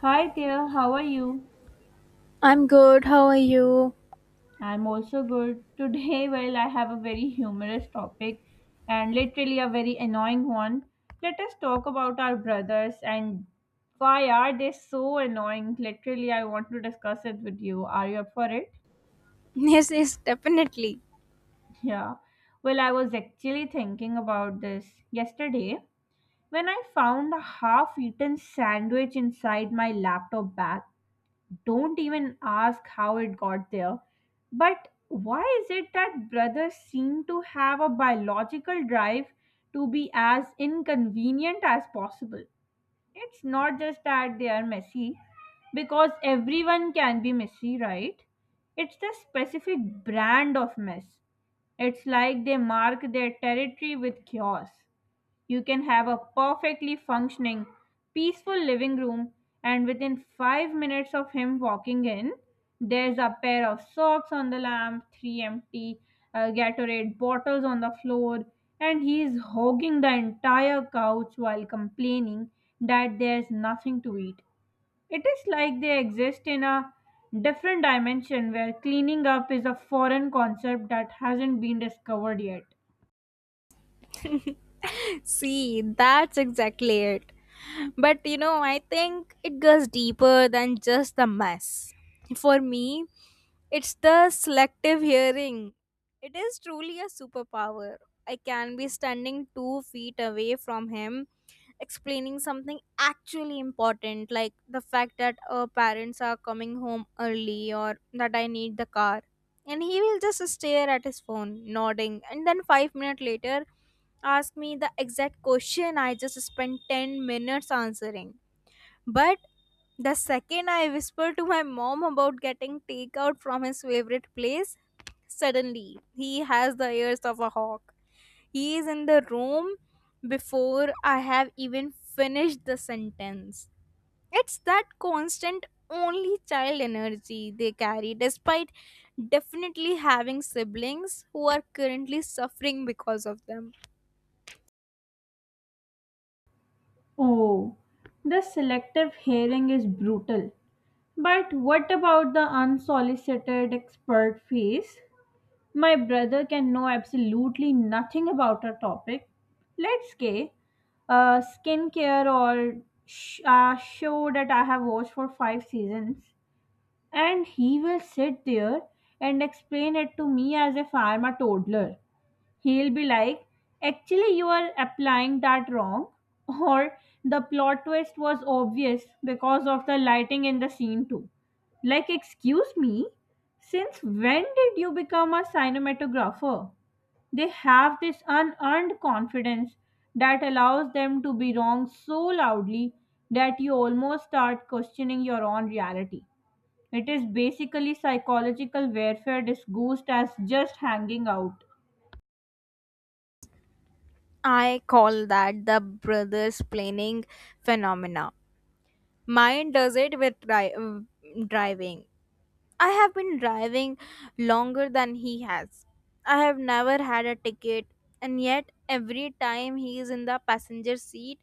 Hi there, how are you? I'm good. How are you? I'm also good. Today, well, I have a very humorous topic and literally a very annoying one. Let us talk about our brothers and why are they so annoying? Literally, I want to discuss it with you. Are you up for it? Yes, yes, definitely. Yeah. Well, I was actually thinking about this yesterday when I found a half eaten sandwich inside my laptop bag. Don't even ask how it got there. But why is it that brothers seem to have a biological drive to be as inconvenient as possible? It's not just that they are messy, because everyone can be messy, right? It's the specific brand of mess. It's like they mark their territory with chaos. You can have a perfectly functioning, peaceful living room, and within 5 minutes of him walking in, there's a pair of socks on the lamp, three empty Gatorade bottles on the floor, and he's hogging the entire couch while complaining that there's nothing to eat. It is like they exist in a different dimension where cleaning up is a foreign concept that hasn't been discovered yet. See, that's exactly it. But you know, I think it goes deeper than just the mess. For me, it's the selective hearing. It is truly a superpower. I can be standing 2 feet away from him, explaining something actually important, like the fact that our parents are coming home early or that I need the car, and he will just stare at his phone nodding, and then 5 minutes later ask me the exact question I just spent 10 minutes answering. But the second I whisper to my mom about getting takeout from his favorite place, suddenly he has the ears of a hawk. He is in the room before I have even finished the sentence. It's that constant only child energy they carry, despite definitely having siblings who are currently suffering because of them. Oh, the selective hearing is brutal. But what about the unsolicited expert fees? My brother can know absolutely nothing about a topic. Let's say skincare or sh- a show that I have watched for five seasons, and he will sit there and explain it to me as if I am a toddler. He'll be like, actually, you are applying that wrong. Or the plot twist was obvious because of the lighting in the scene, too. Like, excuse me, since when did you become a cinematographer? They have this unearned confidence that allows them to be wrong so loudly that you almost start questioning your own reality. It is basically psychological warfare disguised as just hanging out. I call that the brothers planning phenomena. Mine does it with driving. I have been driving longer than he has. I have never had a ticket, and yet every time he is in the passenger seat,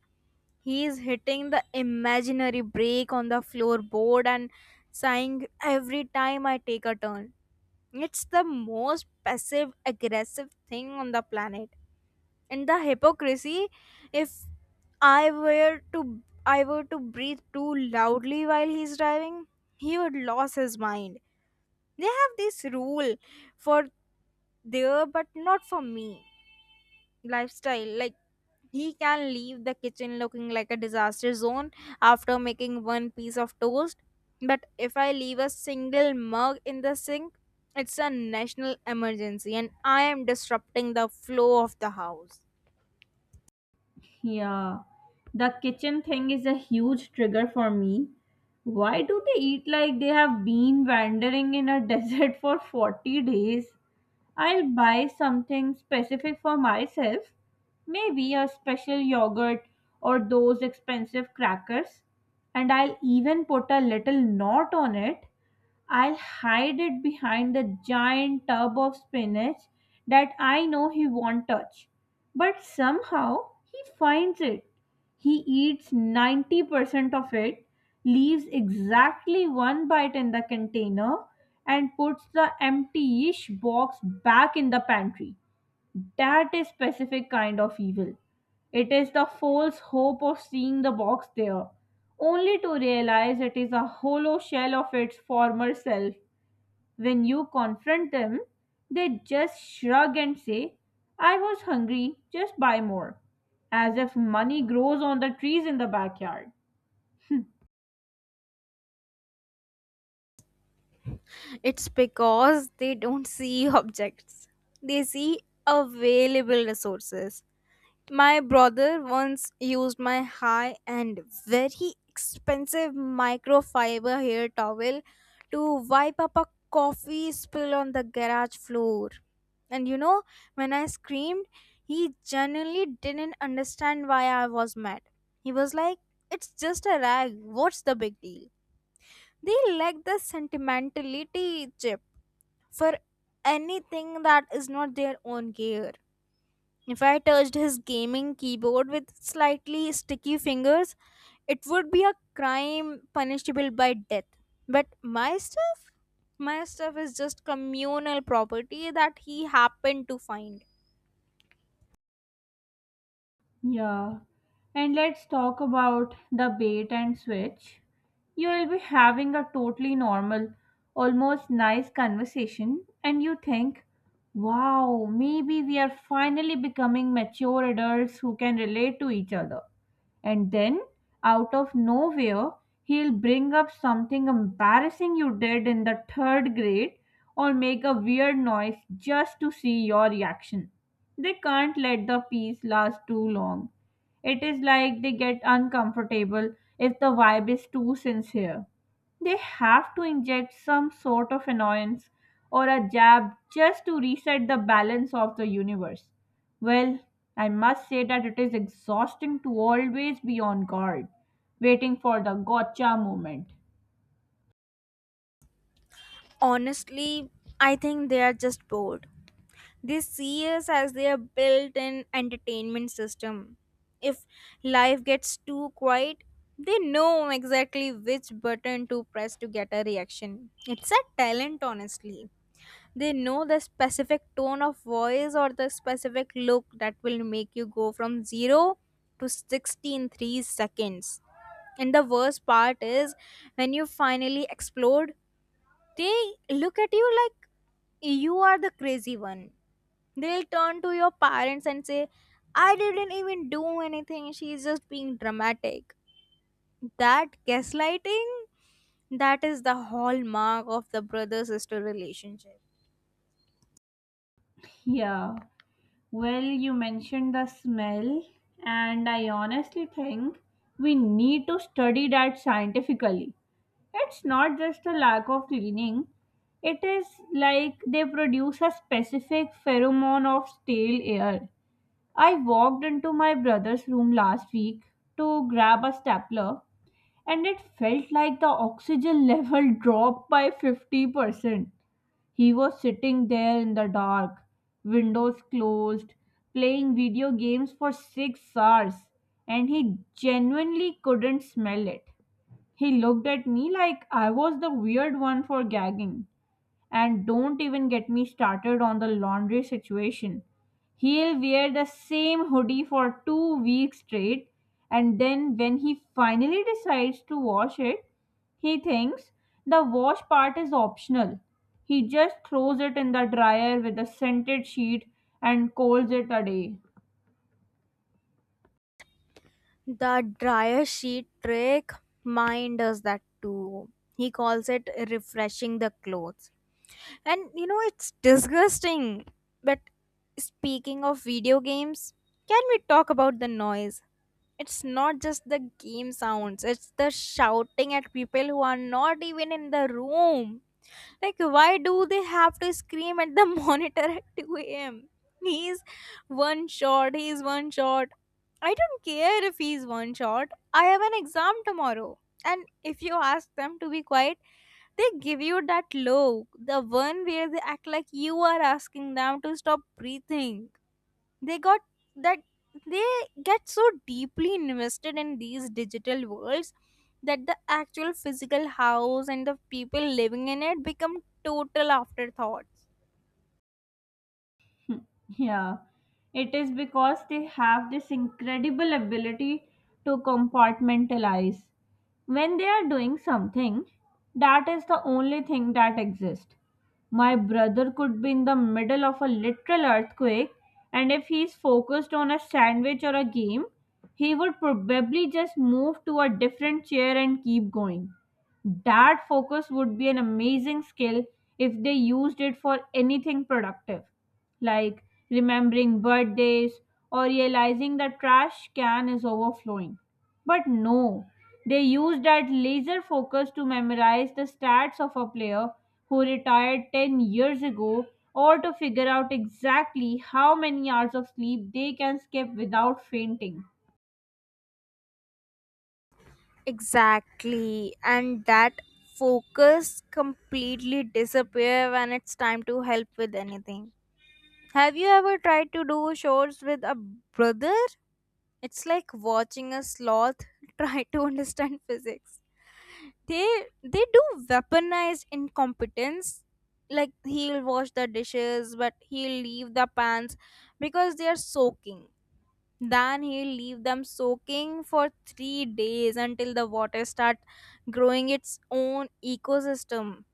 he is hitting the imaginary brake on the floorboard and sighing every time I take a turn. It's the most passive aggressive thing on the planet. And the hypocrisy, if I were to I were to breathe too loudly while he's driving, he would lose his mind. They have this rule for there but not for me lifestyle, like he can leave the kitchen looking like a disaster zone after making one piece of toast, but if I leave a single mug in the sink, it's a national emergency and I am disrupting the flow of the house. Yeah, the kitchen thing is a huge trigger for me. Why do they eat like they have been wandering in a desert for 40 days? I'll buy something specific for myself. Maybe a special yogurt or those expensive crackers. And I'll even put a little knot on it. I'll hide it behind the giant tub of spinach that I know he won't touch. But somehow he finds it. He eats 90% of it, leaves exactly one bite in the container, and puts the empty-ish box back in the pantry. That is specific kind of evil. It is the false hope of seeing the box there, only to realize it is a hollow shell of its former self. When you confront them, they just shrug and say, I was hungry, just buy more, as if money grows on the trees in the backyard. It's because they don't see objects, they see available resources. My brother once used my high and very expensive microfiber hair towel to wipe up a coffee spill on the garage floor. And you know, when I screamed, he genuinely didn't understand why I was mad. He was like, it's just a rag, what's the big deal? They lack the sentimentality chip for anything that is not their own gear. If I touched his gaming keyboard with slightly sticky fingers, it would be a crime punishable by death. But my stuff? My stuff is just communal property that he happened to find. Yeah. And let's talk about the bait and switch. You will be having a totally normal, almost nice conversation, and you think, wow, maybe we are finally becoming mature adults who can relate to each other. And then, out of nowhere, he'll bring up something embarrassing you did in the third grade or make a weird noise just to see your reaction. They can't let the peace last too long. It is like they get uncomfortable if the vibe is too sincere. They have to inject some sort of annoyance or a jab just to reset the balance of the universe. Well, I must say that it is exhausting to always be on guard, waiting for the gotcha moment. Honestly, I think they are just bored. They see us as their built in entertainment system. If life gets too quiet, they know exactly which button to press to get a reaction. It's a talent, honestly. They know the specific tone of voice or the specific look that will make you go from 0 to 60 in 3 seconds. And the worst part is, when you finally explode, they look at you like you are the crazy one. They'll turn to your parents and say, I didn't even do anything, she's just being dramatic. That gaslighting, that is the hallmark of the brother sister relationship. Yeah. Well, you mentioned the smell, and I honestly think we need to study that scientifically. It's not just a lack of cleaning, it is like they produce a specific pheromone of stale air. I walked into my brother's room last week to grab a stapler, and it felt like the oxygen level dropped by 50%. He was sitting there in the dark, windows closed, playing video games for 6 hours, and he genuinely couldn't smell it. He looked at me like I was the weird one for gagging. And don't even get me started on the laundry situation. He'll wear the same hoodie for 2 weeks straight, and then when he finally decides to wash it, he thinks the wash part is optional. He just throws it in the dryer with a scented sheet and calls it a day. The dryer sheet trick, mine does that too. He calls it refreshing the clothes. And you know, it's disgusting. But speaking of video games, can we talk about the noise? It's not just the game sounds, it's the shouting at people who are not even in the room. Like, why do they have to scream at the monitor at 2 a.m.? He's one shot, he's one shot. I don't care if he's one shot. I have an exam tomorrow. And if you ask them to be quiet, they give you that look, the one where they act like you are asking them to stop breathing. They got that they get so deeply invested in these digital worlds that the actual physical house and the people living in it become total afterthoughts. Yeah, it is because they have this incredible ability to compartmentalize. When they are doing something, that is the only thing that exists. My brother could be in the middle of a literal earthquake, and if he's focused on a sandwich or a game, he would probably just move to a different chair and keep going. That focus would be an amazing skill if they used it for anything productive like remembering birthdays or realizing the trash can is overflowing. But no, they used that laser focus to memorize the stats of a player who retired 10 years ago or to figure out exactly how many hours of sleep they can skip without fainting. Exactly, and that focus completely disappear when it's time to help with anything. Have you ever tried to do chores with a brother? It's like watching a sloth try to understand physics. They they do weaponized incompetence. Like, he'll wash the dishes, but he'll leave the pans because they are soaking. Then he'll leave them soaking for 3 days until the water start growing its own ecosystem.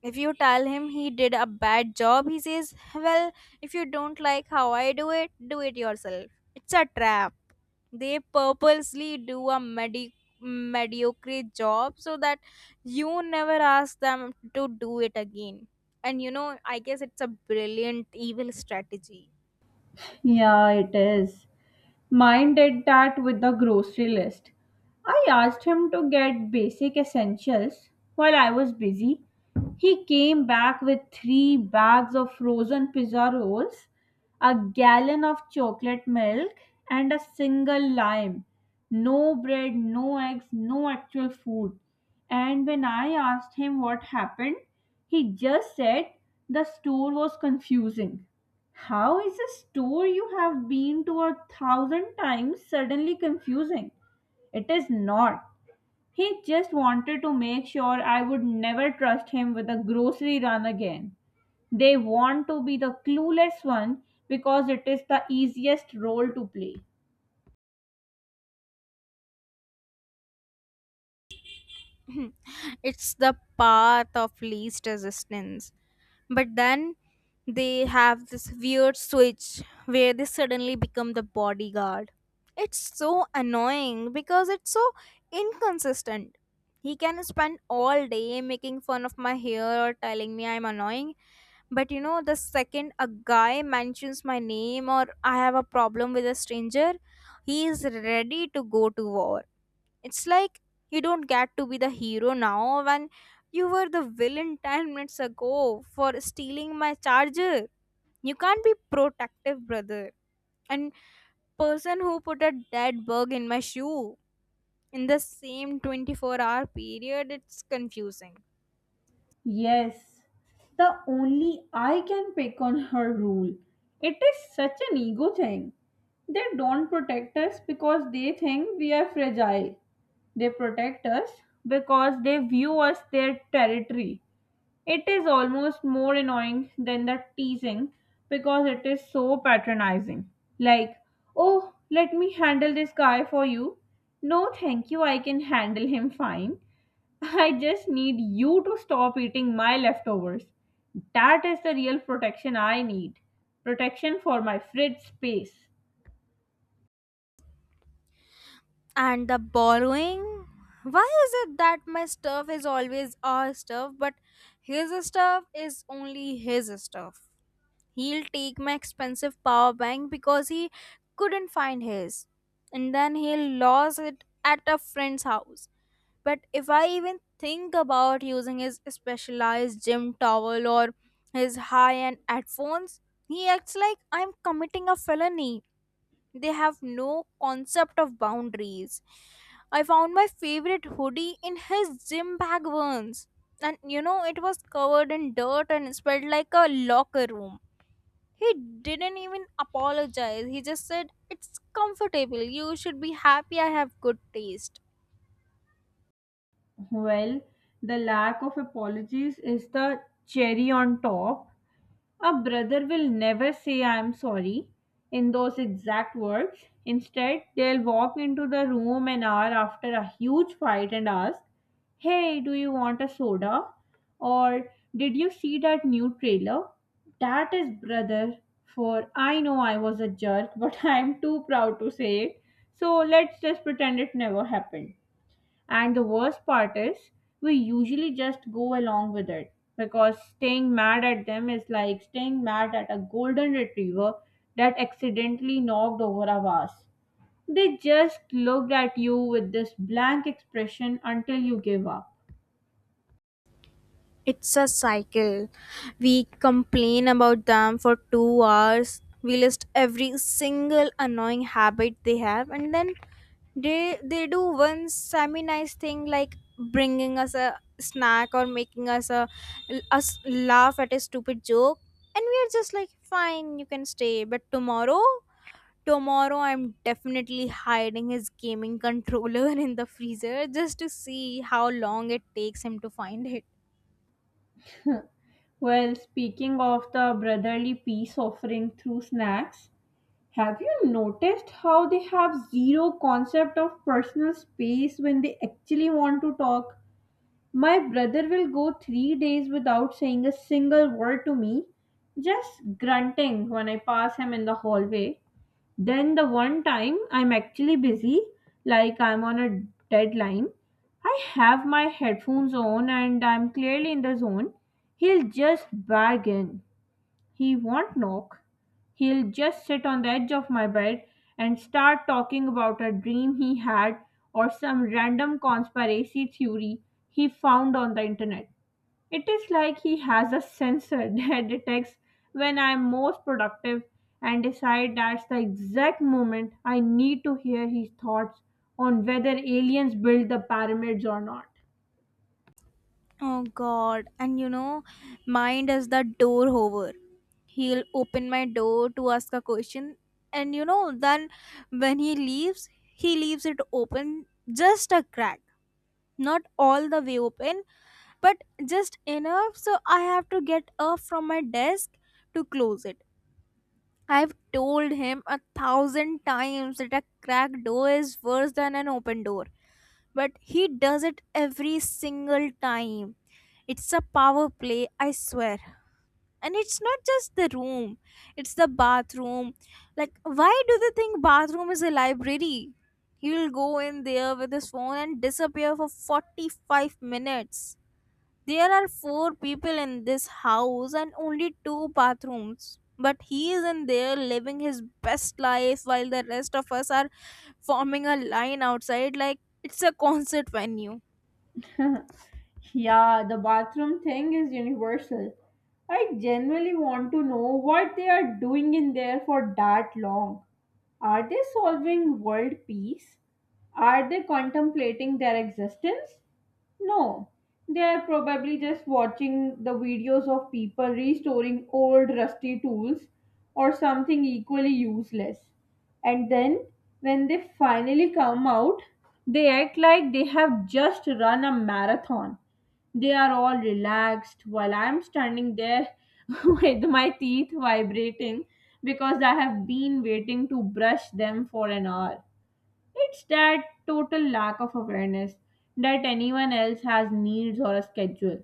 If you tell him he did a bad job, he says, well, if you don't like how I do it yourself. It's a trap. They purposely do a mediocre job so that you never ask them to do it again. And you know, I guess it's a brilliant evil strategy. Yeah, it is. Mine did that with the grocery list. I asked him to get basic essentials while I was busy. He came back with three bags of frozen pizza rolls, a gallon of chocolate milk, and a single lime. No bread, no eggs, no actual food. And when I asked him what happened, he just said the store was confusing. How is a store you have been to a thousand times suddenly confusing? It is not. He just wanted to make sure I would never trust him with a grocery run again. They want to be the clueless one because it is the easiest role to play. It's the path of least resistance. But then they have this weird switch where they suddenly become the bodyguard. It's so annoying because it's so inconsistent. He can spend all day making fun of my hair or telling me I'm annoying, but you know, the second a guy mentions my name or I have a problem with a stranger, he is ready to go to war. It's like, you don't get to be the hero now when you were the villain 10 minutes ago for stealing my charger. You can't be protective brother and person who put a dead bug in my shoe in the same 24-hour period. It's confusing. Yes, the only I can pick on her rule. It is such an ego thing. They don't protect us because they think we are fragile. They protect us because they view us their territory. It is almost more annoying than the teasing because it is so patronizing. Like, oh, let me handle this guy for you. No, thank you, I can handle him fine. I just need you to stop eating my leftovers. That is the real protection I need. Protection for my fridge space. And the borrowing? Why is it that my stuff is always our stuff, but his stuff is only his stuff? He'll take my expensive power bank because he couldn't find his. And then he'll lose it at a friend's house. But if I even think about using his specialized gym towel or his high end headphones, he acts like I'm committing a felony. They have no concept of boundaries. I found my favorite hoodie in his gym bag once. And you know, it was covered in dirt and smelled like a locker room. He didn't even apologize. He just said, it's comfortable, you should be happy I have good taste. Well, the lack of apologies is the cherry on top. A brother will never say, I'm sorry, in those exact words. Instead, they'll walk into the room an hour after a huge fight and ask, Hey, do you want a soda? Or did you see that new trailer? That is brother, for I know I was a jerk, but I'm too proud to say it. So let's just pretend it never happened. And the worst part is, we usually just go along with it because staying mad at them is like staying mad at a golden retriever that accidentally knocked over a vase. They just looked at you with this blank expression until you give up. It's a cycle. We complain about them for 2 hours. We list every single annoying habit they have, and then they do one semi nice thing, like bringing us a snack or making us laugh at a stupid joke, and we are just like, fine, you can stay, but tomorrow, I'm definitely hiding his gaming controller in the freezer just to see how long it takes him to find it. Well, speaking of the brotherly peace offering through snacks, have you noticed how they have zero concept of personal space when they actually want to talk? My brother will go 3 days without saying a single word to me, just grunting when I pass him in the hallway. Then, the one time I'm actually busy, like I'm on a deadline, I have my headphones on and I'm clearly in the zone, he'll just bargain. He won't knock. He'll just sit on the edge of my bed and start talking about a dream he had or some random conspiracy theory he found on the internet. It is like he has a sensor that detects when I'm most productive and decide that's the exact moment I need to hear his thoughts on whether aliens built the pyramids or not. Oh god, and you know, mine does the door hover. He'll open my door to ask a question, and you know, then when he leaves it open just a crack. Not all the way open, but just enough so I have to get up from my desk to close it. I've told him a thousand times that a cracked door is worse than an open door, but he does it every single time. It's a power play, I swear. And it's not just the room, it's the bathroom. Like, why do they think bathroom is a library? He'll go in there with his phone and disappear for 45 minutes. There are four people in this house and only two bathrooms, but he is in there living his best life while the rest of us are forming a line outside like it's a concert venue. Yeah, the bathroom thing is universal. I genuinely want to know what they are doing in there for that long. Are they solving world peace? Are they contemplating their existence? No. They are probably just watching the videos of people restoring old rusty tools or something equally useless. And then, when they finally come out, they act like they have just run a marathon. They are all relaxed while I'm standing there with my teeth vibrating because I have been waiting to brush them for an hour. It's that total lack of awareness that anyone else has needs or a schedule.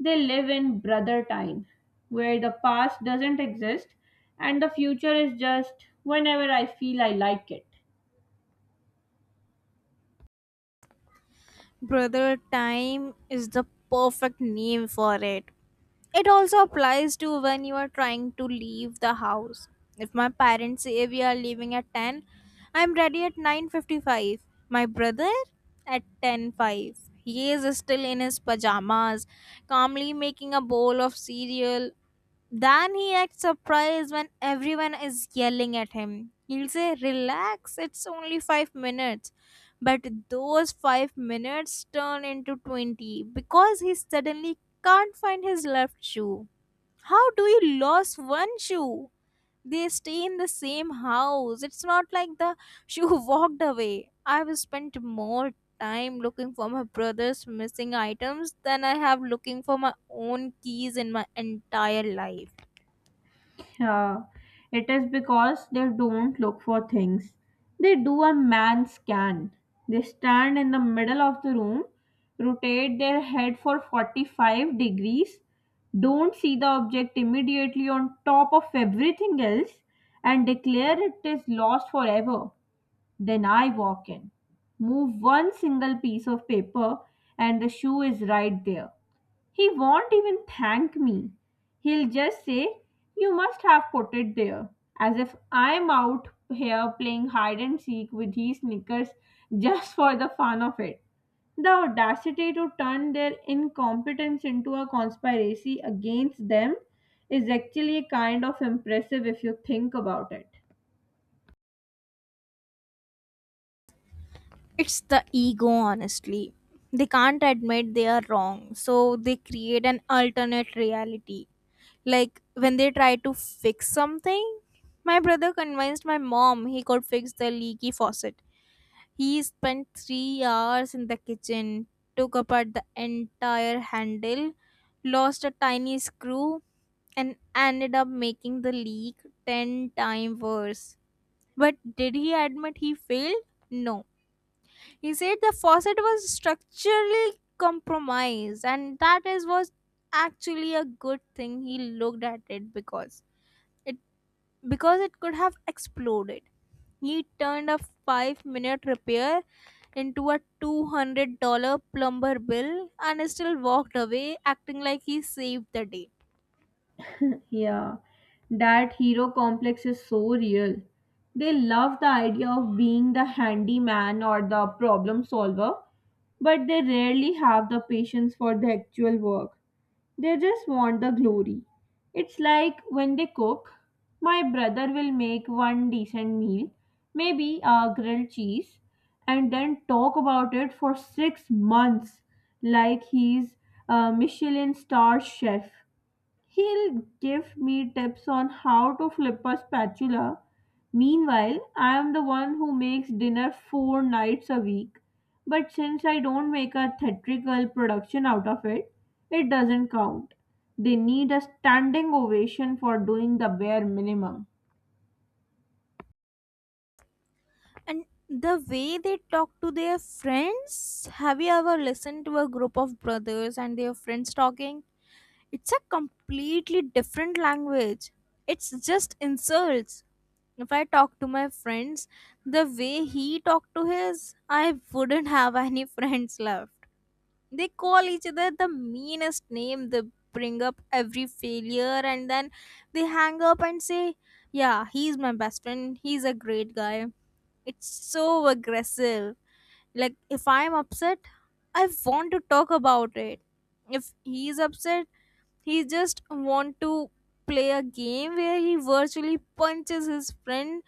They live in brother time, where the past doesn't exist and the future is just whenever I feel I like it. Brother time is the perfect name for it. It also applies to when you are trying to leave the house. If my parents say we are leaving at 10, I'm ready at 9:55. My brother, at ten five. He is still in his pajamas, calmly making a bowl of cereal. Then he acts surprised when everyone is yelling at him. He'll say, relax, it's only 5 minutes. But those 5 minutes turn into 20 because he suddenly can't find his left shoe. How do you lose one shoe? They stay in the same house. It's not like the shoe walked away. I've spent more time looking for my brother's missing items than I have looking for my own keys in my entire life. Uh, it is because they don't look for things. They do a man scan. They stand in the middle of the room, rotate their head for 45 degrees, don't see the object immediately on top of everything else, and declare it is lost forever. Then I walk in, move one single piece of paper, and the shoe is right there. He won't even thank me. He'll just say, You must have put it there, as if I'm out here playing hide and seek with his knickers just for the fun of it. The audacity to turn their incompetence into a conspiracy against them is actually kind of impressive if you think about it. It's the ego, honestly. They can't admit they are wrong, so they create an alternate reality. Like when they try to fix something, my brother convinced my mom he could fix the leaky faucet. He spent 3 hours in the kitchen, took apart the entire handle, lost a tiny screw, and ended up making the leak 10 times worse. But did he admit he failed? No, he said the faucet was structurally compromised, and that is was actually a good thing he looked at it, it because it could have exploded. He turned a 5 minute repair into a $200 plumber bill and still walked away acting like he saved the day. Yeah, that hero complex is so real. They love the idea of being the handyman or the problem solver, but they rarely have the patience for the actual work. They just want the glory. It's like when they cook, my brother will make one decent meal, maybe a grilled cheese, and then talk about it for 6 months like he's a Michelin star chef. He'll give me tips on how to flip a spatula. Meanwhile, I am the one who makes dinner four nights a week. But since I don't make a theatrical production out of it, it doesn't count. They need a standing ovation for doing the bare minimum. And the way they talk to their friends, have you ever listened to a group of brothers and their friends talking? It's a completely different language. It's just insults. If I talk to my friends the way he talked to his, I wouldn't have any friends left. They call each other the meanest name, they bring up every failure, and then they hang up and say, yeah, he's my best friend, he's a great guy. It's so aggressive. Like, if I'm upset, I want to talk about it. If he's upset, he just want to play a game where he virtually punches his friend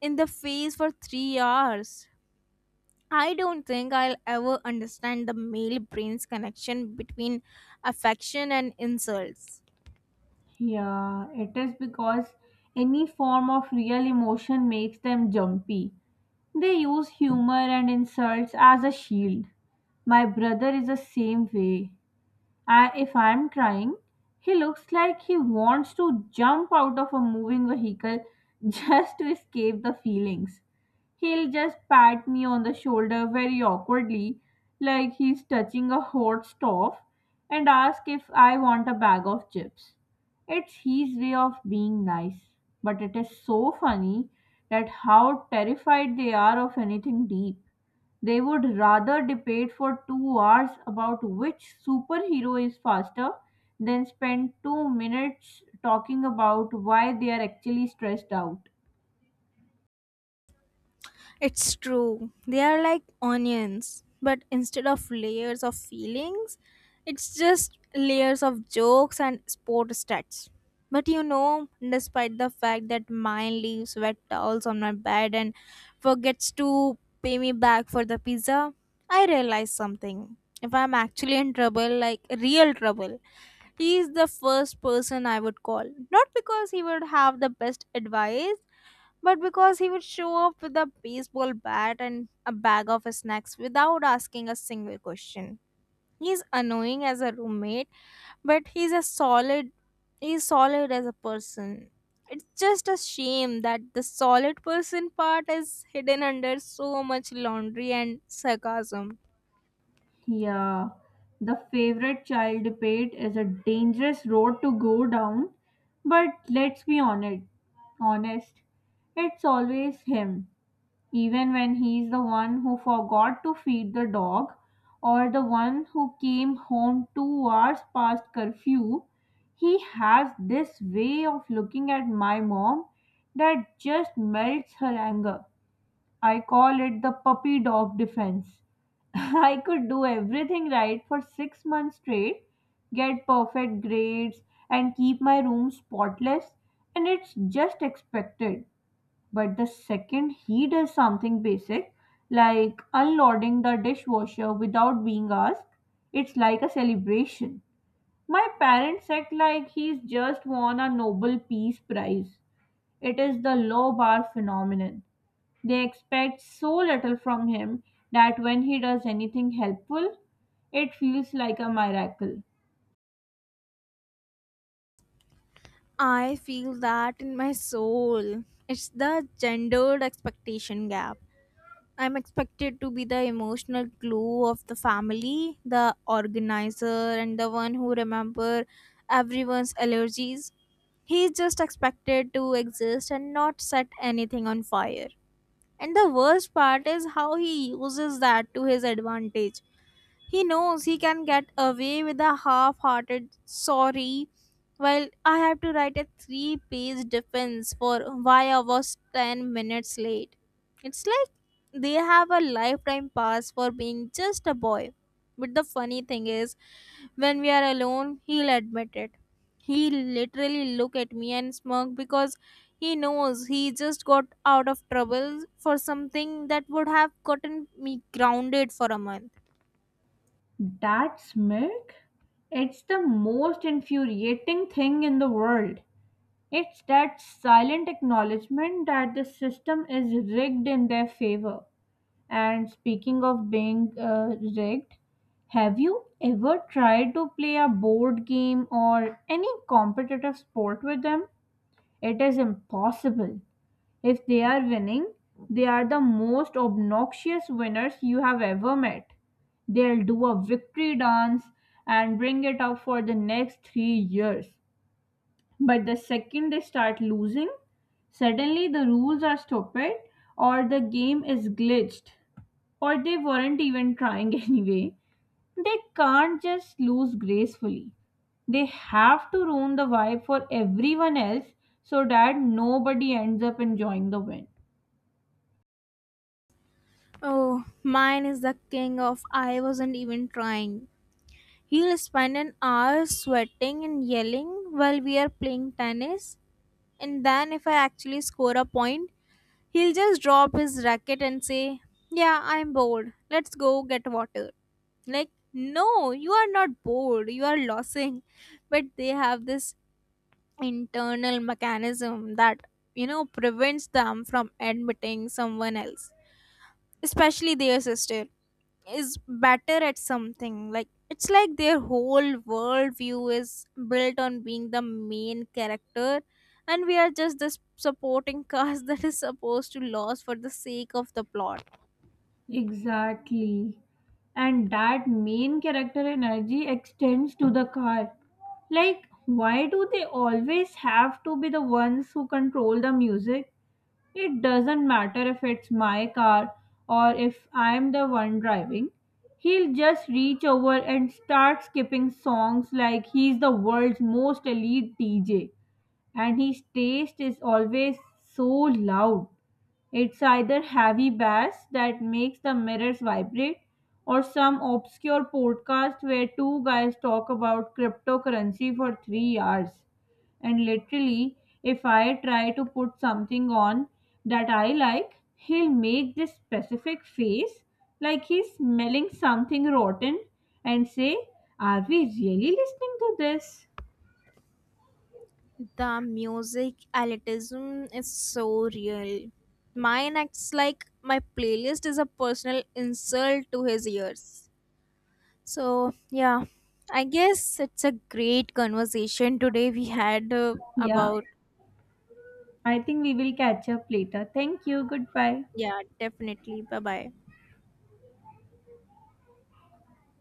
in the face for 3 hours. I don't think I'll ever understand the male brain's connection between affection and insults. Yeah, it is because any form of real emotion makes them jumpy. They use humor and insults as a shield. My brother is the same way. I, if I'm trying, he looks like he wants to jump out of a moving vehicle just to escape the feelings. He'll just pat me on the shoulder very awkwardly, like he's touching a hot stove, and ask if I want a bag of chips. It's his way of being nice, but it is so funny that how terrified they are of anything deep. They would rather debate for 2 hours about which superhero is faster than spend 2 minutes talking about why they are actually stressed out. It's true, they are like onions, but instead of layers of feelings, it's just layers of jokes and sport stats. But you know, despite the fact that mine leaves wet towels on my bed and forgets to pay me back for the pizza, I realize something. If I'm actually in trouble, like real trouble, he is the first person I would call. Not because he would have the best advice, but because he would show up with a baseball bat and a bag of snacks without asking a single question. He's annoying as a roommate, but he's solid as a person. It's just a shame that the solid person part is hidden under so much laundry and sarcasm. Yeah, the favorite child debate is a dangerous road to go down, but let's be honest. Honest, it's always him. Even when he's the one who forgot to feed the dog or the one who came home 2 hours past curfew, he has this way of looking at my mom that just melts her anger. I call it the puppy dog defense. I could do everything right for 6 months straight, get perfect grades, and keep my room spotless, and it's just expected. But the second he does something basic, like unloading the dishwasher without being asked, it's like a celebration. My parents act like he's just won a Nobel Peace Prize. It is the low bar phenomenon. They expect so little from him that when he does anything helpful, it feels like a miracle. I feel that in my soul. It's the gendered expectation gap. I'm expected to be the emotional glue of the family, the organizer, and the one who remember everyone's allergies. He's just expected to exist and not set anything on fire. And the worst part is how he uses that to his advantage. He knows he can get away with a half hearted sorry, while I have to write a three-page defense for why I was 10 minutes late. It's like they have a lifetime pass for being just a boy. But the funny thing is, when we are alone, he'll admit it. He literally look at me and smirk because he knows he just got out of trouble for something that would have gotten me grounded for a month. That's milk? It's the most infuriating thing in the world. It's that silent acknowledgement that the system is rigged in their favor. And speaking of being rigged, have you ever tried to play a board game or any competitive sport with them? It is impossible. If they are winning, they are the most obnoxious winners you have ever met. They'll do a victory dance and bring it up for the next 3 years. But the second they start losing, suddenly the rules are stupid, or the game is glitched, or they weren't even trying anyway. They can't just lose gracefully. They have to ruin the vibe for everyone else so that nobody ends up enjoying the win. Oh, mine is the king of I wasn't even trying. He'll spend an hour sweating and yelling while we are playing tennis, and then if I actually score a point, he'll just drop his racket and say, yeah, I'm bored, let's go get water. Like, no, you are not bored, you are losing. But they have this internal mechanism that, you know, prevents them from admitting someone else, especially their sister, is better at something. Like, it's like their whole worldview is built on being the main character and we are just this supporting cast that is supposed to lose for the sake of the plot. Exactly. And that main character energy extends to the car. Like, why do they always have to be the ones who control the music? It doesn't matter if it's my car or if I'm the one driving. He'll just reach over and start skipping songs like he's the world's most elite DJ, and his taste is always so loud. It's either heavy bass that makes the mirrors vibrate, or some obscure podcast where two guys talk about cryptocurrency for 3 hours. And literally, if I try to put something on that I like, he'll make this specific face like he's smelling something rotten and say, Are we really listening to this? The music elitism is so real. Mine acts like my playlist is a personal insult to his ears. So yeah, I guess it's a great conversation today we had, Yeah, about. I think we will catch up later. Thank you. Goodbye. Yeah, definitely, bye bye.